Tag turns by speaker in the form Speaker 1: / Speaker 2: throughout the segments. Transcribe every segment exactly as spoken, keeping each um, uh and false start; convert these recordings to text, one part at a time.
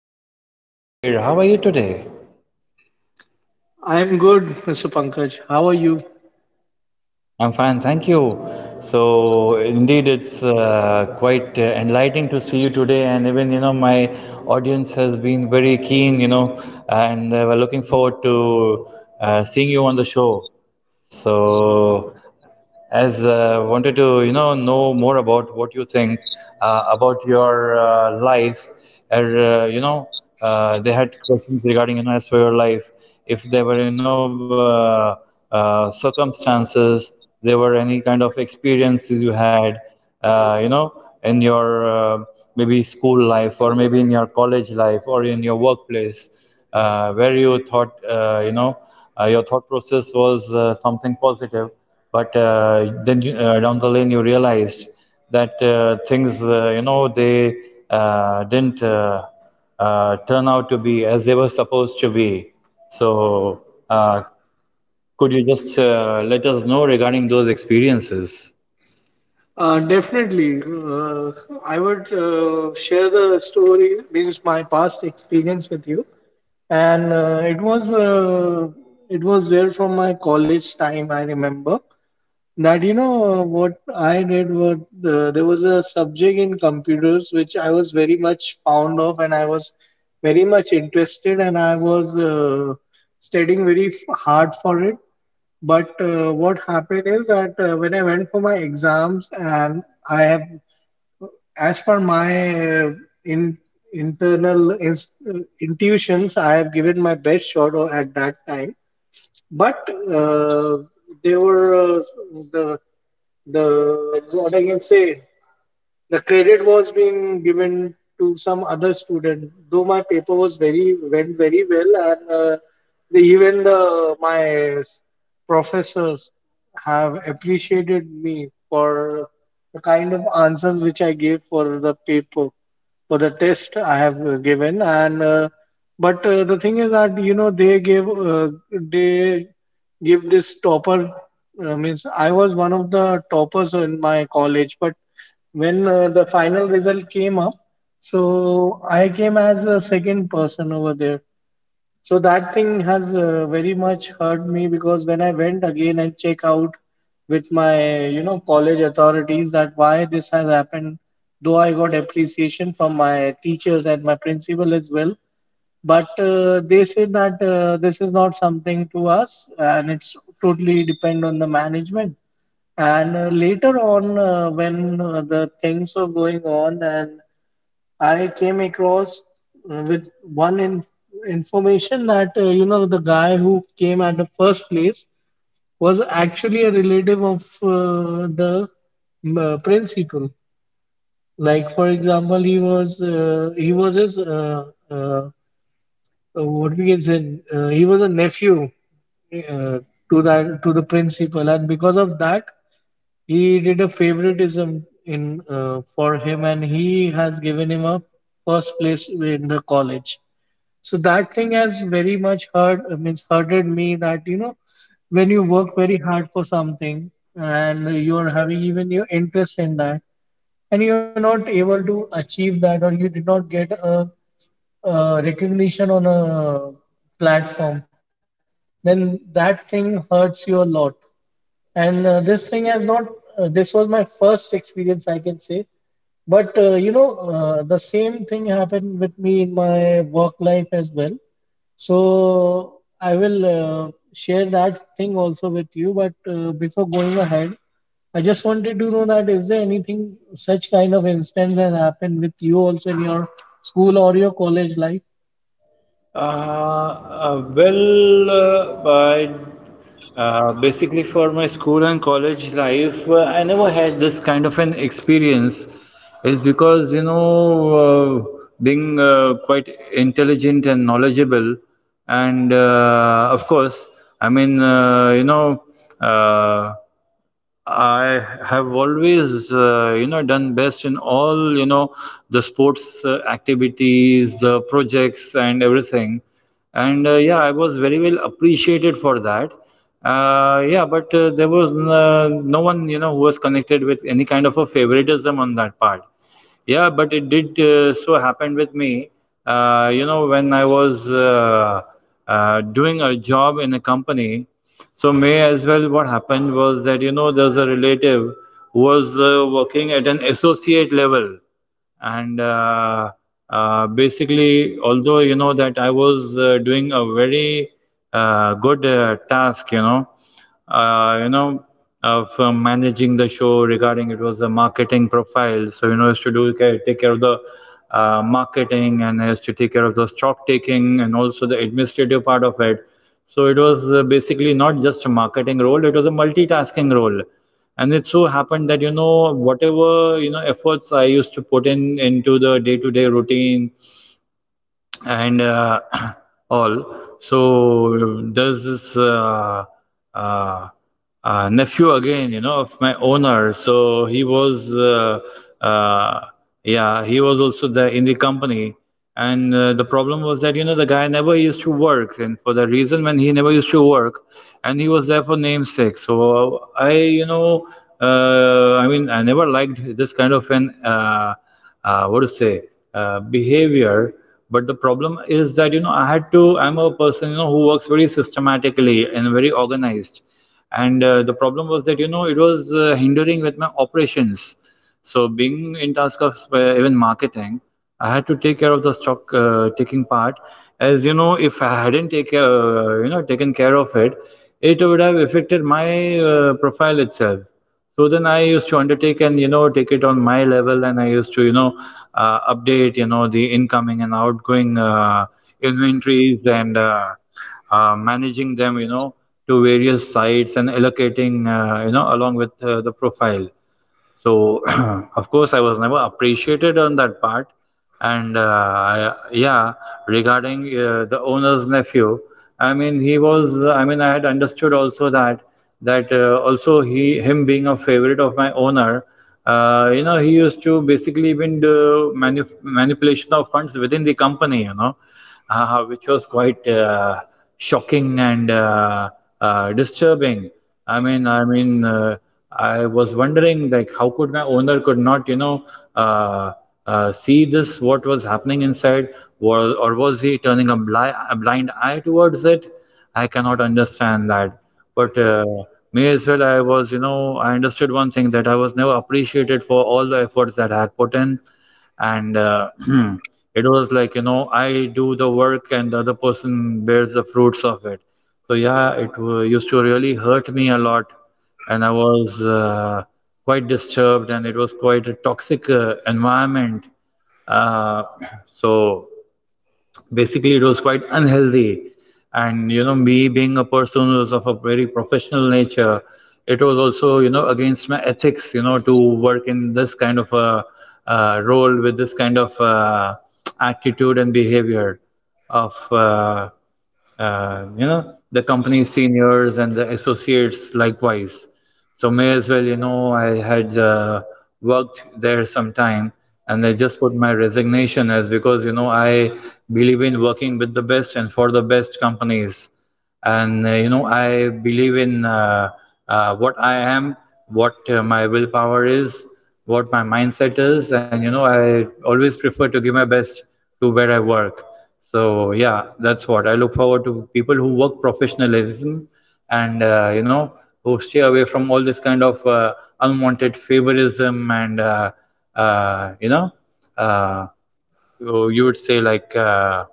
Speaker 1: evening, welcome to my show, mister Kabir. How are you today?
Speaker 2: I'm good, mister Pankaj. How are you?
Speaker 1: I'm fine, thank you. So, indeed, it's uh, quite uh, enlightening to see you today, and even you know, my audience has been very keen, you know, uh, and uh, we're looking forward to uh, seeing you on the show. So, as uh, wanted to you know know more about what you think uh, about your uh, life and uh, you know uh, they had questions regarding you know as for your life, if there were you know uh, uh, circumstances, there were any kind of experiences you had, uh, you know in your uh, maybe school life, or maybe in your college life, or in your workplace, uh, where you thought, uh, you know uh, your thought process was uh, something positive, but uh, then you, uh, down the lane you realized that uh, things, uh, you know they uh, didn't uh, uh, turn out to be as they were supposed to be. So uh, could you just uh, let us know regarding those experiences?
Speaker 2: Uh, definitely. Uh, I would uh, share the story, means my past experience with you, and uh, it was uh, it was there from my college time. I remember. That you know uh, what I did was uh, there was a subject in computers which I was very much fond of and I was very much interested and I was uh, studying very f- hard for it. But uh, what happened is that uh, when I went for my exams and I have, as per my uh, in, internal inst- uh, intuitions, I have given my best shot o- at that time. But uh, they were uh, the the what I can say. The credit was being given to some other student, though my paper was very went very well, and uh, the, even the my s- professors have appreciated me for the kind of answers which I gave for the paper for the test I have uh, given, and uh, but uh, the thing is that you know they gave uh, they give this topper uh, means I was one of the toppers in my college, but when uh, the final result came up, so I came as a second person over there. So that thing has uh, very much hurt me because when I went again and check out with my, you know, college authorities that why this has happened, though I got appreciation from my teachers and my principal as well, but uh, they said that uh, this is not something to us and it's totally depend on the management. And uh, later on, uh, when uh, the things were going on and I came across uh, with one in, information that uh, you know the guy who came at the first place was actually a relative of uh, the mm, uh, principal. Like for example, he was uh, he was his uh, uh, uh, what we can say uh, he was a nephew uh, to that to the principal, and because of that, he did a favoritism in uh, for him, and he has given him a first place in the college. So that thing has very much hurt. I mean, hurted me that you know when you work very hard for something and you are having even your interest in that, and you're not able to achieve that, or you did not get a uh, recognition on a platform, then that thing hurts you a lot and uh, this thing has not uh, this was my first experience I can say. But uh, you know, uh, the same thing happened with me in my work life as well. So I will uh, share that thing also with you. But uh, before going ahead, I just wanted to know that is there anything such kind of instance has happened with you also in your school or your college life?
Speaker 1: Uh, uh, well, uh, but uh, basically, for my school and college life, uh, I never had this kind of an experience. It's because, you know, uh, being uh, quite intelligent and knowledgeable, and uh, of course, I mean, uh, you know, uh, I have always, uh, you know, done best in all, you know, the sports uh, activities, the projects, and everything. And uh, yeah, I was very well appreciated for that. Uh, yeah, but uh, there was n- uh, no one, you know, who was connected with any kind of a favoritism on that part. Yeah, but it did uh, so happen with me. Uh, you know, when I was uh, uh, doing a job in a company, so may as well, what happened was that, you know, there was a relative who was uh, working at an associate level, and uh, uh, basically, although you know that I was uh, doing a very uh, good uh, task, you know uh, you know uh, from managing the show, regarding, it was a marketing profile, so you know I used to do care, take care of the uh, marketing, and I used to take care of the stock taking and also the administrative part of it. So it was uh, basically not just a marketing role, it was a multitasking role. And it so happened that you know whatever, you know efforts I used to put in into the day to day routine, and uh, all. So there's this uh, uh, uh, nephew again, you know, of my owner. So he was, uh, uh, yeah, he was also there in the company. And uh, the problem was that, you know, the guy never used to work. And for the reason when he never used to work, and he was there for namesake. So I, you know, uh, I mean, I never liked this kind of an. Uh, uh, what to say, uh, behavior. But the problem is that you know I had to, I'm a person, you know, who works very systematically and very organized. And uh, the problem was that you know it was uh, hindering with my operations. So being in task of uh, even marketing, I had to take care of the stock uh, taking part, as you know, if I hadn't take uh, you know taken care of it, it would have affected my uh, profile itself. So then I used to undertake, and you know, take it on my level, and I used to, you know, uh, update, you know, the incoming and outgoing uh, inventories, and uh, uh, managing them, you know, to various sites, and allocating, uh, you know, along with uh, the profile. So of course, I was never appreciated on that part. And uh, I, yeah, regarding uh, the owner's nephew, I mean, he was. I mean, I had understood also that, that uh, also, he, him being a favorite of my owner. Uh, you know, he used to basically been do manip- manipulation of funds within the company. You know, uh, which was quite uh, shocking and uh, uh, disturbing. I mean, I mean, uh, I was wondering, like, how could my owner could not, you know uh, uh, see this, what was happening inside, was, or was he turning a, bli- a blind eye towards it? I cannot understand that. But uh, may as well, I was, you know, I understood one thing, that I was never appreciated for all the efforts that I had put in. And uh, it was like, you know, I do the work and the other person bears the fruits of it. So yeah, it uh, used to really hurt me a lot, and I was uh, quite disturbed, and it was quite a toxic uh, environment. Uh, so basically, it was quite unhealthy, and you know, me being a person who was of a very professional nature, it was also, you know, against my ethics, you know, to work in this kind of a uh, role, with this kind of uh, attitude and behavior of. Uh, uh, you know, the company seniors and the associates likewise. So may as well, you know, I had uh, worked there some time, and I just put my resignation as because, you know, I believe in working with the best and for the best companies. And uh, you know, I believe in uh, uh, what I am, what uh, my willpower is, what my mindset is, and you know, I always prefer to give my best to where I work. So yeah, that's what I look forward to, people who work professionalism. And uh, you know who stay away from all this kind of uh, unwanted favorism, and uh, uh, you know uh, so, you would say, like, uh,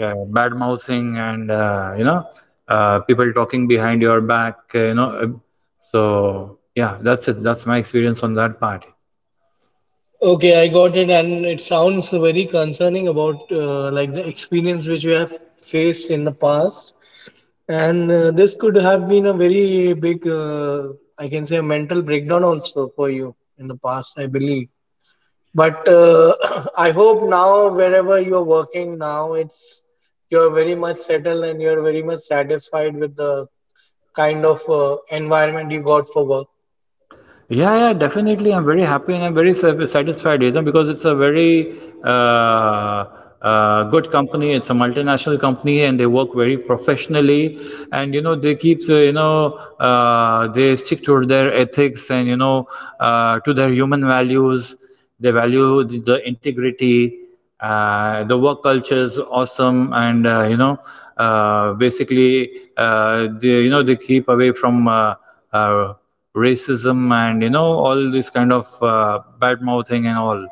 Speaker 1: uh, bad mouthing, and uh, you know uh, people talking behind your back, uh, you know uh, so yeah, that's it, that's my experience on that part.
Speaker 2: Okay, I got it, and it sounds very concerning about uh, like the experience which we have faced in the past, and uh, this could have been a very big, uh, I can say, a mental breakdown also for you in the past, I believe. But uh, I hope now wherever you're working now, it's you're very much settled and you're very much satisfied with the kind of uh, environment you got for work.
Speaker 1: Yeah, yeah, definitely. I'm very happy and I'm very sa- satisfied, you know, because it's a very uh, uh, good company. It's a multinational company and they work very professionally. And, you know, they keep, uh, you know, uh, they stick to their ethics, and, you know, uh, to their human values. They value the, the integrity, uh, the work culture is awesome, and uh, you know uh, basically, uh, they, you know, they keep away from uh, uh, racism, and you know, all this kind of uh, bad mouthing and all.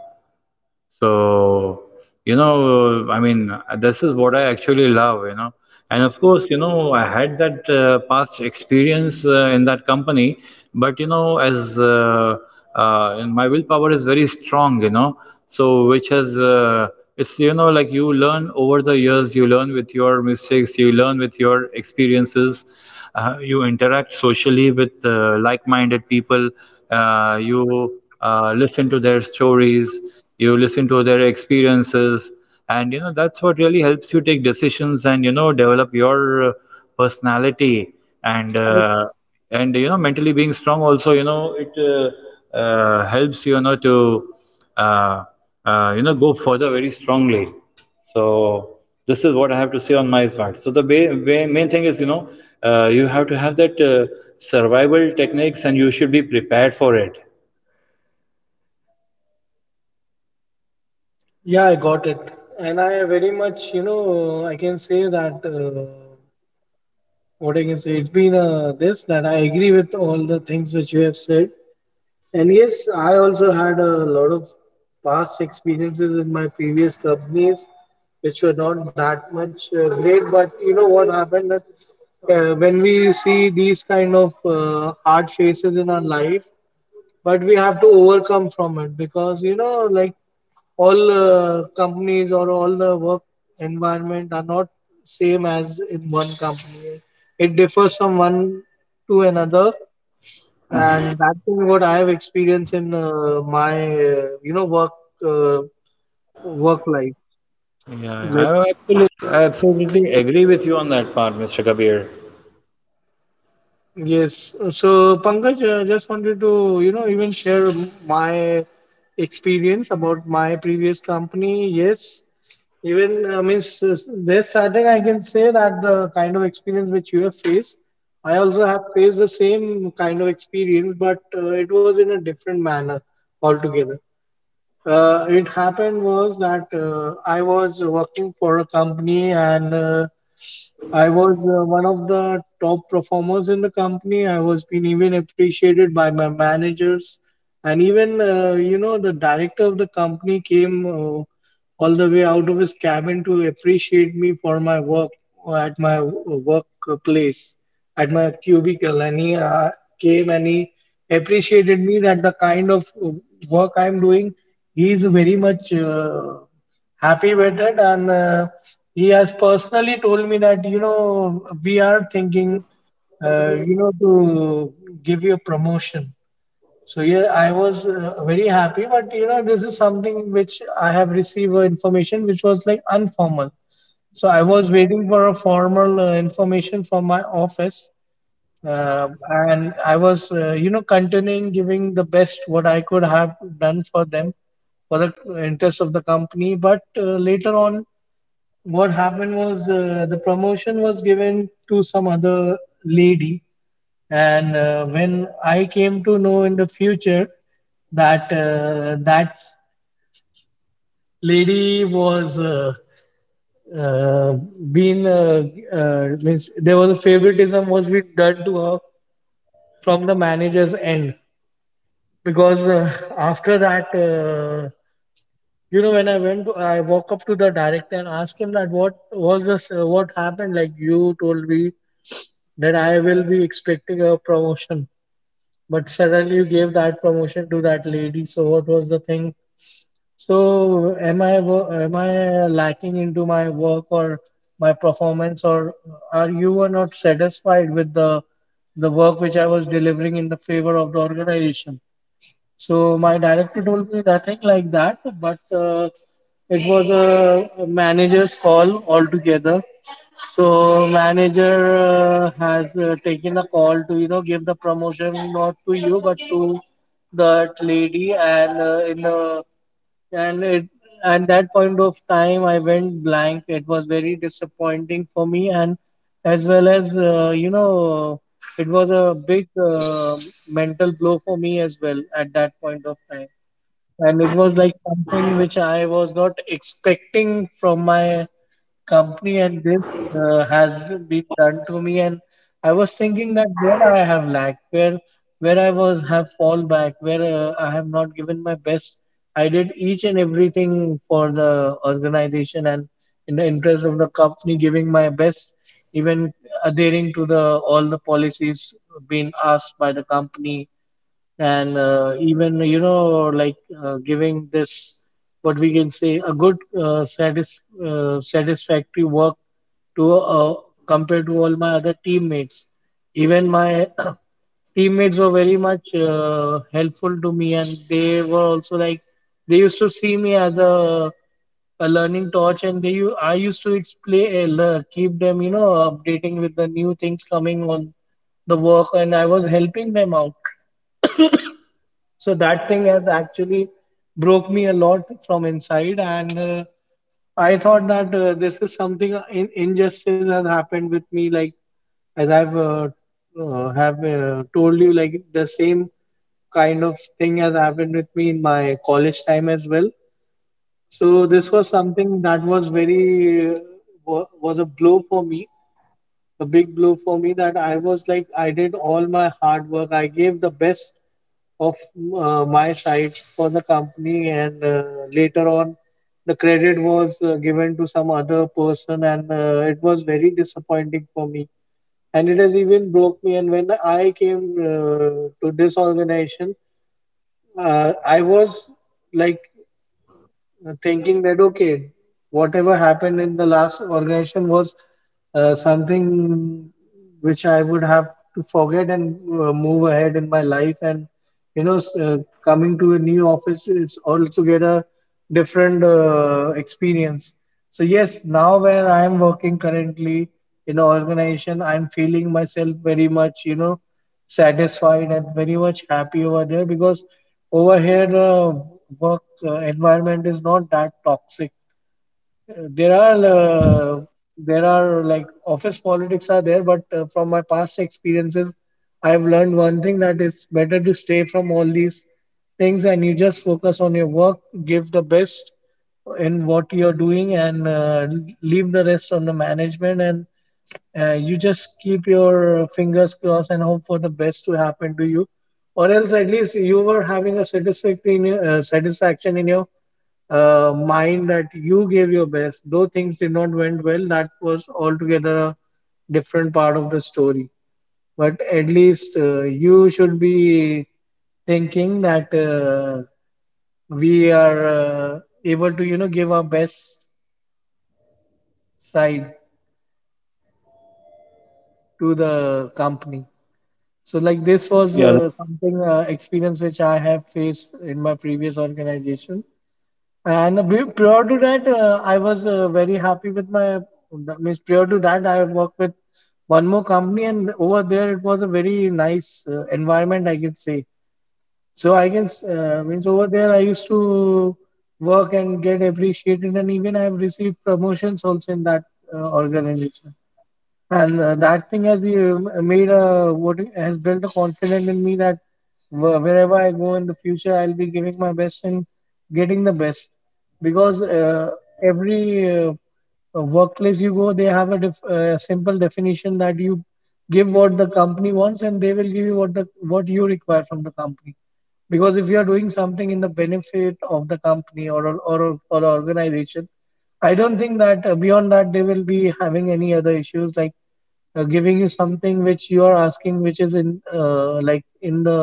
Speaker 1: So, you know, I mean, this is what I actually love, you know. And of course, you know, I had that uh, past experience uh, in that company, but you know, as uh, uh, and my willpower is very strong, you know. So, which has uh, it's, you know, like you learn over the years, you learn with your mistakes, you learn with your experiences, uh, you interact socially with uh, like-minded people, uh, you uh, listen to their stories, you listen to their experiences, and you know, that's what really helps you take decisions, and you know, develop your uh, personality. And uh, and you know, mentally being strong also, you know, it uh, uh, helps, you know, to uh, uh, you know go further very strongly. So this is what I have to say on my part. So the ba- ba- main thing is, you know, uh, you have to have that uh, survival techniques, and you should be prepared for it.
Speaker 2: Yeah, I got it. And I very much, you know, I can say that uh, what I can say, it's been uh, this that I agree with all the things which you have said. And yes, I also had a lot of past experiences in my previous companies which were not that much uh, great. But you know what happened that uh, when we see these kind of uh, hard phases in our life, but we have to overcome from it because you know like all uh, companies or all the work environment are not same. As in one company, it differs from one to another. And that's what I have experienced in uh, my uh, you know work, uh, work life.
Speaker 1: Yeah, yeah.
Speaker 2: Like
Speaker 1: I absolutely, I absolutely agree with you on that part, mister Kabir.
Speaker 2: yes. So, Pankaj, uh, just wanted to, you know, even share my experience about my previous company. Yes. Even, I mean, s- s- there's certain I can say that the kind of experience which you have faced, I also have faced the same kind of experience, but uh, it was in a different manner altogether. Uh, it happened was that uh, I was working for a company and uh, I was uh, one of the top performers in the company. I was being even appreciated by my managers, and even uh, you know the director of the company came uh, all the way out of his cabin to appreciate me for my work at my workplace, at my cubicle, and he uh, came and he appreciated me that the kind of uh, work I'm doing. He is very much. Uh, happy with it and uh, he has personally told me that you know we are thinking uh, you know to give you a promotion. So yeah, I was uh, very happy. But you know this is something which I have received uh, information which was like informal, so I was waiting for a formal uh, information from my office. uh, and I was, uh, you know, continuing giving the best what I could have done for them for the interest of the company. But uh, later on, what happened was uh, the promotion was given to some other lady. And uh, when I came to know in the future that uh, that lady was uh, uh, been uh, uh, means there was a favoritism was being done to her from the manager's end. Because uh, after that uh, you know when i went to, I walk up to the director and asked him that what was this, uh, what happened like you told me that I will be expecting a promotion but suddenly you gave that promotion to that lady, so what was the thing? So am I wo- am I lacking into my work or my performance, or are you were not satisfied with the the work which I was delivering in the favor of the organization? So my director told me nothing like that, but uh, it was a, a manager's call altogether. So manager uh, has uh, taken a call to you know give the promotion not to you but to that lady. And uh, in the and it at that point of time I went blank. It was very disappointing for me, and as well as uh, you know it was a big uh, mental blow for me as well at that point of time. And it was like something which I was not expecting from my company, and this uh, has been done to me. And I was thinking that where I have lacked, where where I was have fall back, where uh, I have not given my best. I did each and everything for the organization and in the interest of the company, giving my best, even adhering to the all the policies being asked by the company. And uh, even you know like uh, giving this what we can say a good uh, satis- uh, satisfactory work to uh, compared to all my other teammates. Even my teammates were very much uh, helpful to me, and they were also like they used to see me as a a learning torch. And they u- i used to explain, uh, keep them you know updating with the new things coming on the work, and I was helping them out. So that thing has actually broke me a lot from inside. And uh, I thought that uh, this is something, uh, in, injustice has happened with me. Like as I've uh, uh, have uh, told you, like the same kind of thing has happened with me in my college time as well. So this was something that was very uh, wa- was a blow for me, a big blow for me. That I was like I did all my hard work. I gave the best of uh, my side for the company, and uh, later on, the credit was uh, given to some other person, and uh, it was very disappointing for me. And it has even broke me. And when I came uh, to this organization, uh, I was like uh, thinking that okay, whatever happened in the last organization was uh, something which I would have to forget and uh, move ahead in my life. And you know, s- uh, coming to a new office it's altogether different uh, experience. So yes, now where I am working currently in an organization, I'm feeling myself very much. You know, satisfied and very much happy over there, because over here uh, work uh, environment is not that toxic. There are uh, there are like office politics are there, but uh, from my past experiences I've learned one thing, that it's better to stay from all these things and you just focus on your work, give the best in what you're doing, and uh, leave the rest on the management. And uh, you just keep your fingers crossed and hope for the best to happen to you, or else at least you were having a satisfactory uh, satisfaction in your uh, mind that you gave your best. Though things did not went well, that was altogether a different part of the story. But at least uh, you should be thinking that uh, we are uh, able to, you know, give our best side to the company. So, like, this was
Speaker 1: Yeah,
Speaker 2: uh, something uh, experience which I have faced in my previous organization. And be- prior to that, uh, I was uh, very happy with my. Means prior to that, I worked with one more company, and over there it was a very nice uh, environment, I can say. So I can s- uh, means over there I used to work and get appreciated, and even I have received promotions also in that uh, organization. And uh, that thing has uh, made a what has built a confidence in me, that wh- wherever I go in the future, I'll be giving my best and getting the best. Because uh, every uh, uh, workplace you go, they have a def uh, simple definition, that you give what the company wants, and they will give you what the what you require from the company. Because if you are doing something in the benefit of the company or or or, or the organization, I don't think that uh, beyond that they will be having any other issues, like uh, giving you something which you are asking, which is in uh, like in the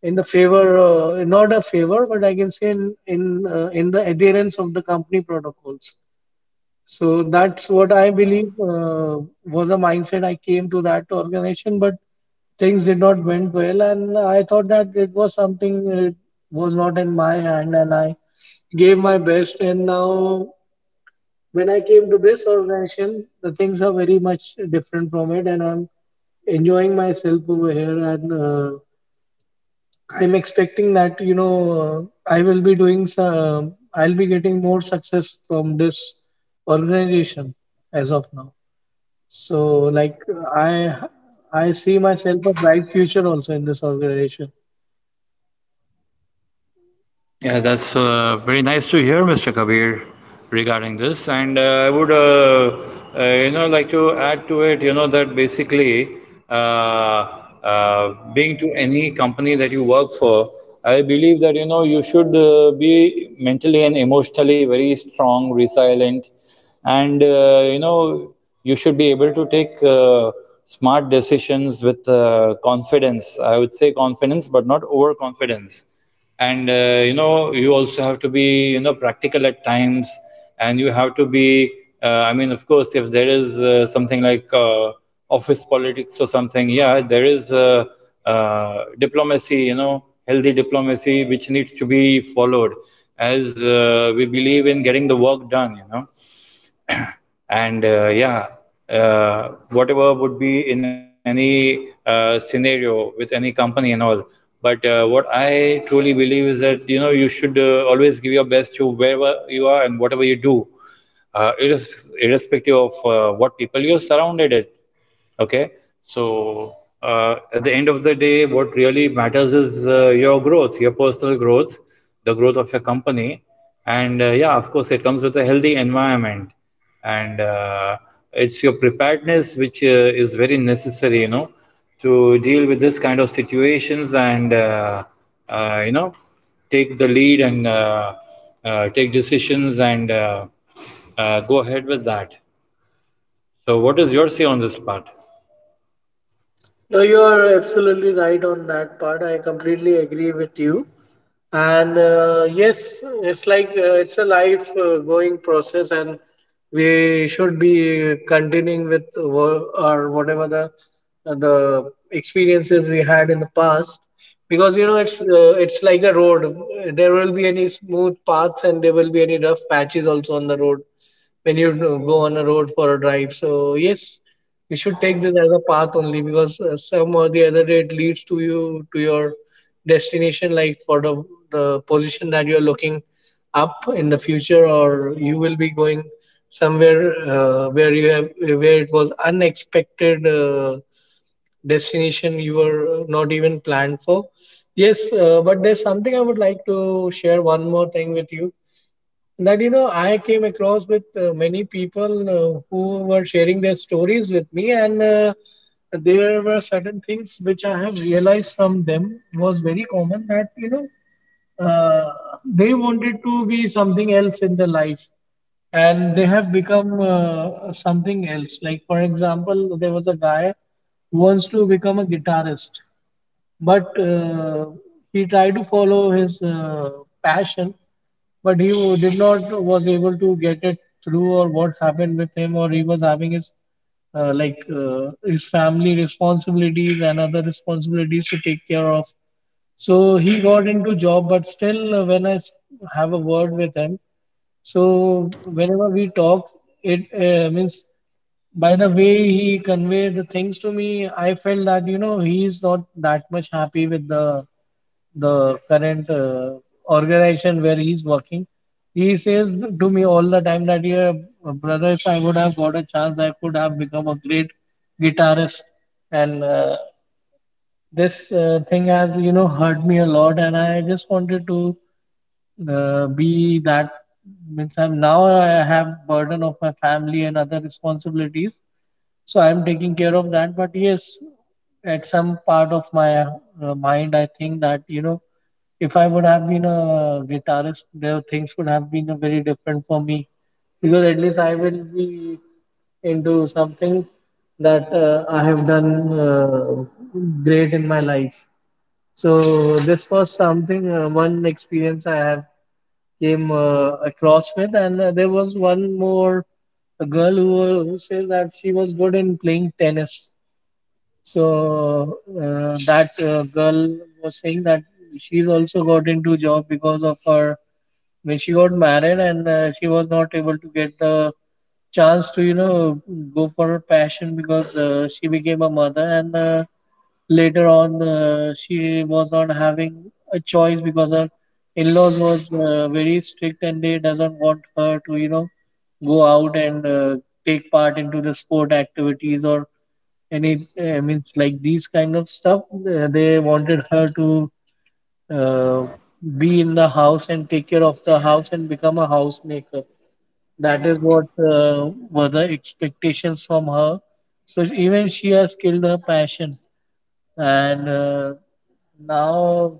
Speaker 2: in the favor, uh, not a favor, but I can say in in, uh, in the adherence of the company protocols. So that's what I believe uh, was a mindset I came to that organization, but things did not went well, and I thought that it was something, it was not in my hand, and I gave my best. And now, when I came to this organization, the things are very much different from it, and I'm enjoying myself over here. And uh, I'm expecting that, you know, uh, I will be doing. Some, I'll be getting more success from this organization as of now. So, like, I I see myself a bright future also in this organization.
Speaker 1: yeah, that's uh, very nice to hear, mister Kabir, regarding this. And uh, I would, uh, uh, you know, like to add to it, you know, that basically, uh, uh, being to any company that you work for, I believe that, you know, you should uh, be mentally and emotionally very strong, resilient, and, uh, you know, you should be able to take uh, smart decisions with uh, confidence. I would say confidence, but not overconfidence. And uh, you know, you also have to be, you know, practical at times, and you have to be, uh, I mean, of course, if there is uh, something like uh, office politics or something, yeah, there is uh, uh, diplomacy, you know, healthy diplomacy, which needs to be followed, as uh, we believe in getting the work done, you know. And uh, yeah, uh, whatever would be in any uh, scenario, with any company and all. But uh, what I truly believe is that you know you should uh, always give your best to wherever you are and whatever you do, uh, irres- irrespective of uh, what people you're surrounded it. Okay, so uh, at the end of the day, what really matters is uh, your growth, your personal growth, the growth of your company, and uh, yeah, of course, it comes with a healthy environment, and uh, it's your preparedness which uh, is very necessary, you know, to deal with this kind of situations and uh, uh, you know, take the lead and uh, uh, take decisions and uh, uh, go ahead with that. So, what is your say on this part?
Speaker 2: No, you are absolutely right on that part. I completely agree with you. And uh, yes, it's like uh, it's a life uh, going process, and we should be continuing with wo- or whatever the uh, the experiences we had in the past, because you know it's uh, it's like a road. There will be any smooth paths, and there will be any rough patches also on the road when you go on a road for a drive. So yes, you should take this as a path only, because uh, some or the other day it leads to you to your destination, like for the the position that you're looking up in the future, or you will be going somewhere uh, where you have where it was unexpected uh, destination you were not even planned for. Yes, uh, but there's something I would like to share one more thing with you, that you know I came across with uh, many people uh, who were sharing their stories with me. And uh, there were certain things which I have realized from them was very common, that you know uh, they wanted to be something else in their life, and they have become uh, something else. Like, for example, there was a guy who wants to become a guitarist, but uh, he tried to follow his uh, passion, but he w- did not was able to get it through, or what happened with him, or he was having his uh, like uh, his family responsibilities and other responsibilities to take care of. So he got into job, but still uh, when i s- have a word with him, so whenever we talk, it uh, means by the way he conveyed the things to me, I felt that you know he is not that much happy with the the current uh, organization where he's working. He says to me all the time that, yeah, brother, if I would have got a chance, I could have become a great guitarist. And uh, this uh, thing has, you know, hurt me a lot. And I just wanted to uh, be that. Means I'm now I have burden of my family and other responsibilities, so I'm taking care of that. But yes, at some part of my uh, mind, I think that, you know, if I would have been a guitarist, there things would have been uh, very different for me, because at least I will be into something that uh, I have done uh, great in my life. So this was something, uh, one experience I have came uh, across with. And uh, there was one more, a girl who, uh, who says that she was good in playing tennis. So uh, that uh, girl was saying that she's also got into job because of her, when she got married. And uh, she was not able to get the chance to, you know, go for her passion, because uh, she became a mother. And uh, later on uh, she was not having a choice, because her in-laws was uh, very strict, and they doesn't want her to, you know, go out and uh, take part into the sport activities or any uh, means like these kind of stuff. Uh, they wanted her to uh, be in the house and take care of the house and become a housemaker. That is what uh, were the expectations from her. So even she has killed her passion, and uh, now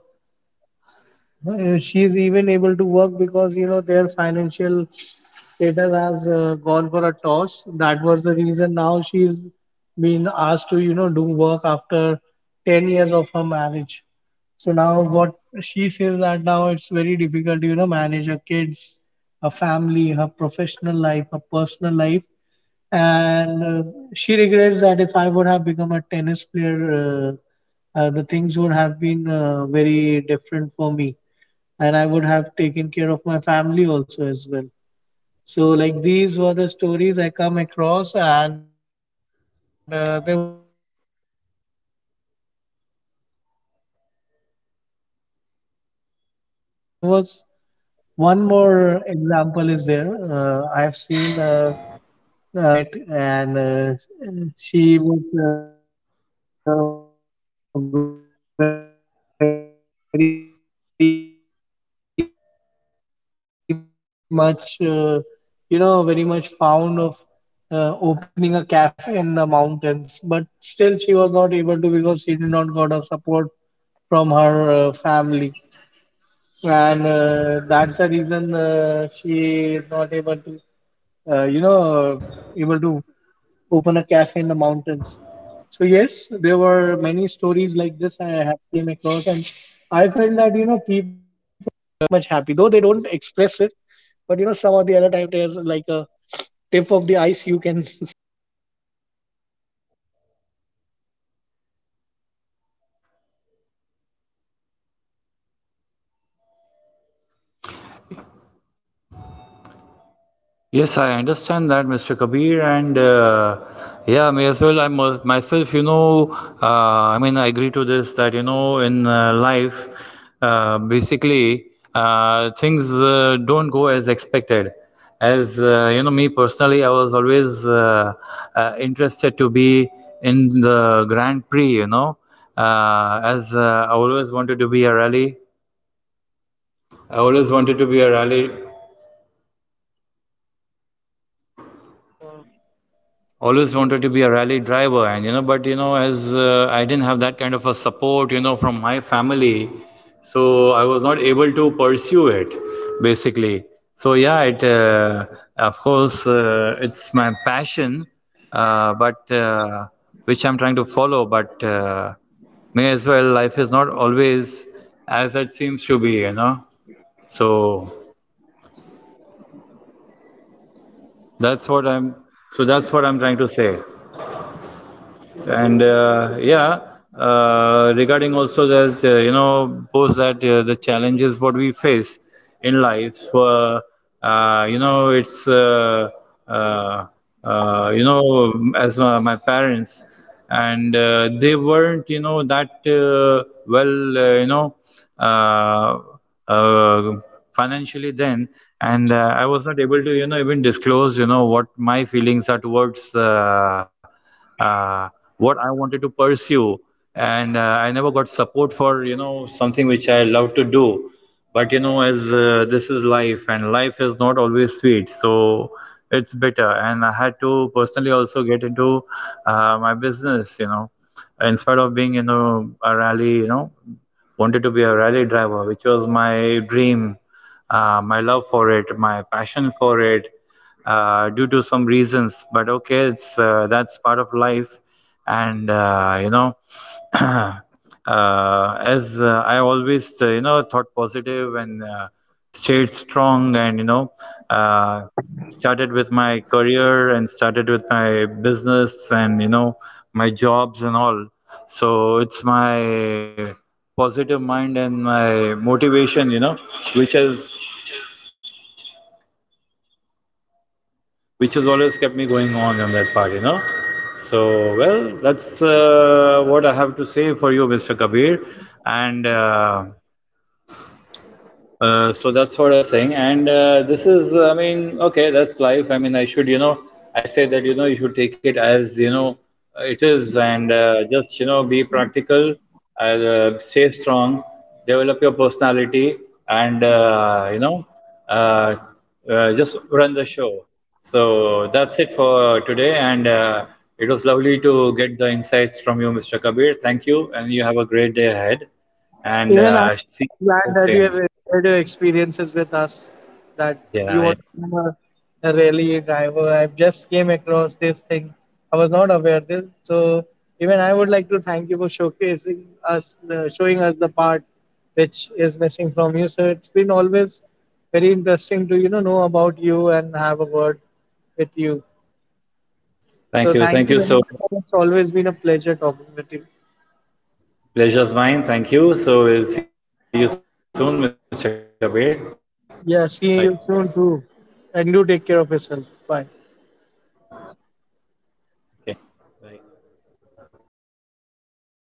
Speaker 2: uh, she's even able to work, because you know their financial status has uh, gone for a toss. That was the reason now she's been asked to, you know, do work after ten years of her marriage. So now what she says, that now it's very difficult to, you know, manage her kids, her family, her professional life, her personal life. And uh, she regrets that, if I would have become a tennis player, uh, uh, the things would have been uh, very different for me, and I would have taken care of my family also as well. So, like, these were the stories I come across. And uh, there was one more example is there. Uh, I have seen uh, uh, there was a girl called Sweetie which I met. And uh, she was uh, very much, uh, you know, very much fond of uh, opening a cafe in the mountains. But still, she was not able to, because she did not got a support from her uh, family. And uh, that's the reason uh, she is not able to, uh, you know, able to open a cafe in the mountains. So yes, there were many stories like this I have came across, and I felt that you know.
Speaker 1: Yes, I understand that, mister Kabir, and uh, yeah, may as well. I must myself, you know, uh, I mean, I agree to this that you know, in uh, life, uh, basically, uh, things uh, don't go as expected. As uh, you know, me personally, I was always uh, uh, interested to be in the Grand Prix. You know, uh, as uh, I always wanted to be a rally. I always wanted to be a rally always wanted to be a rally driver, and you know but you know as uh, I didn't have that kind of a support, you know, from my family, so I was not able to pursue it, basically. So yeah it uh, of course, uh, it's my passion, uh, but uh, which I'm trying to follow. But uh, May as well, life is not always as it seems to be, you know so that's what I'm so that's what I'm trying to say. And uh, yeah, uh, Regarding also that, uh, you know, pose that uh, the challenges what we face in life, uh, uh, you know, it's, uh, uh, uh, you know, as my, my parents, and uh, they weren't, you know, that uh, well, uh, you know, uh, uh, financially then, and uh, I was not able to, you know, even disclose, you know, what my feelings are towards. Uh, uh, what I wanted to pursue, and uh, I never got support for, you know, something which I love to do. But you know, as uh, this is life, and life is not always sweet, so it's bitter. And I had to personally also get into uh, my business. You know, in spite of being you know a rally, you know, wanted to be a rally driver, which was my dream, uh, my love for it, my passion for it, uh, due to some reasons. But okay, it's uh, that's part of life, and uh, you know uh, as uh, I always uh, you know, thought positive and uh, stayed strong, and you know uh, started with my career, and started with my business, and you know, my jobs and all. So it's my positive mind and my motivation, you know, which has, which has always kept me going on on that part, you know. So, well, that's uh, what I have to say for you, mister Kabir. And uh, uh, So that's what I was saying, and uh, this is, I mean, okay, that's life. I mean, I should, you know, I say that, you know, you should take it as, you know, uh, it is. And uh, just, you know, be practical, uh, uh, stay strong, develop your personality, and uh, you know, uh, uh, just run the show. So that's it for today, and uh, it was lovely to get the insights from you, mister Kabir. Thank you, and you have a great day ahead, and
Speaker 2: Even
Speaker 1: uh,
Speaker 2: I'm
Speaker 1: see
Speaker 2: uh,
Speaker 1: you
Speaker 2: glad that you have
Speaker 1: soon.
Speaker 2: uh, shared your experiences with us. That
Speaker 1: Yeah,
Speaker 2: you
Speaker 1: yeah.
Speaker 2: want to become a, a rally driver. I just came across this thing. I was not aware this. So even I would like to thank you for showcasing us, uh, showing us the part which is missing from you. So it's been always very interesting to, you know know about you and have a word with you.
Speaker 1: Thank
Speaker 2: So
Speaker 1: you.
Speaker 2: thank
Speaker 1: Thank
Speaker 2: you
Speaker 1: you
Speaker 2: very
Speaker 1: so
Speaker 2: much,
Speaker 1: much.
Speaker 2: and it's always been a pleasure talking with you.
Speaker 1: Pleasure's mine. Thank you. So we'll see you soon, mister Kabir. Bye.
Speaker 2: Yeah, see you soon too, and do take care of yourself. Bye.
Speaker 1: Okay. Bye.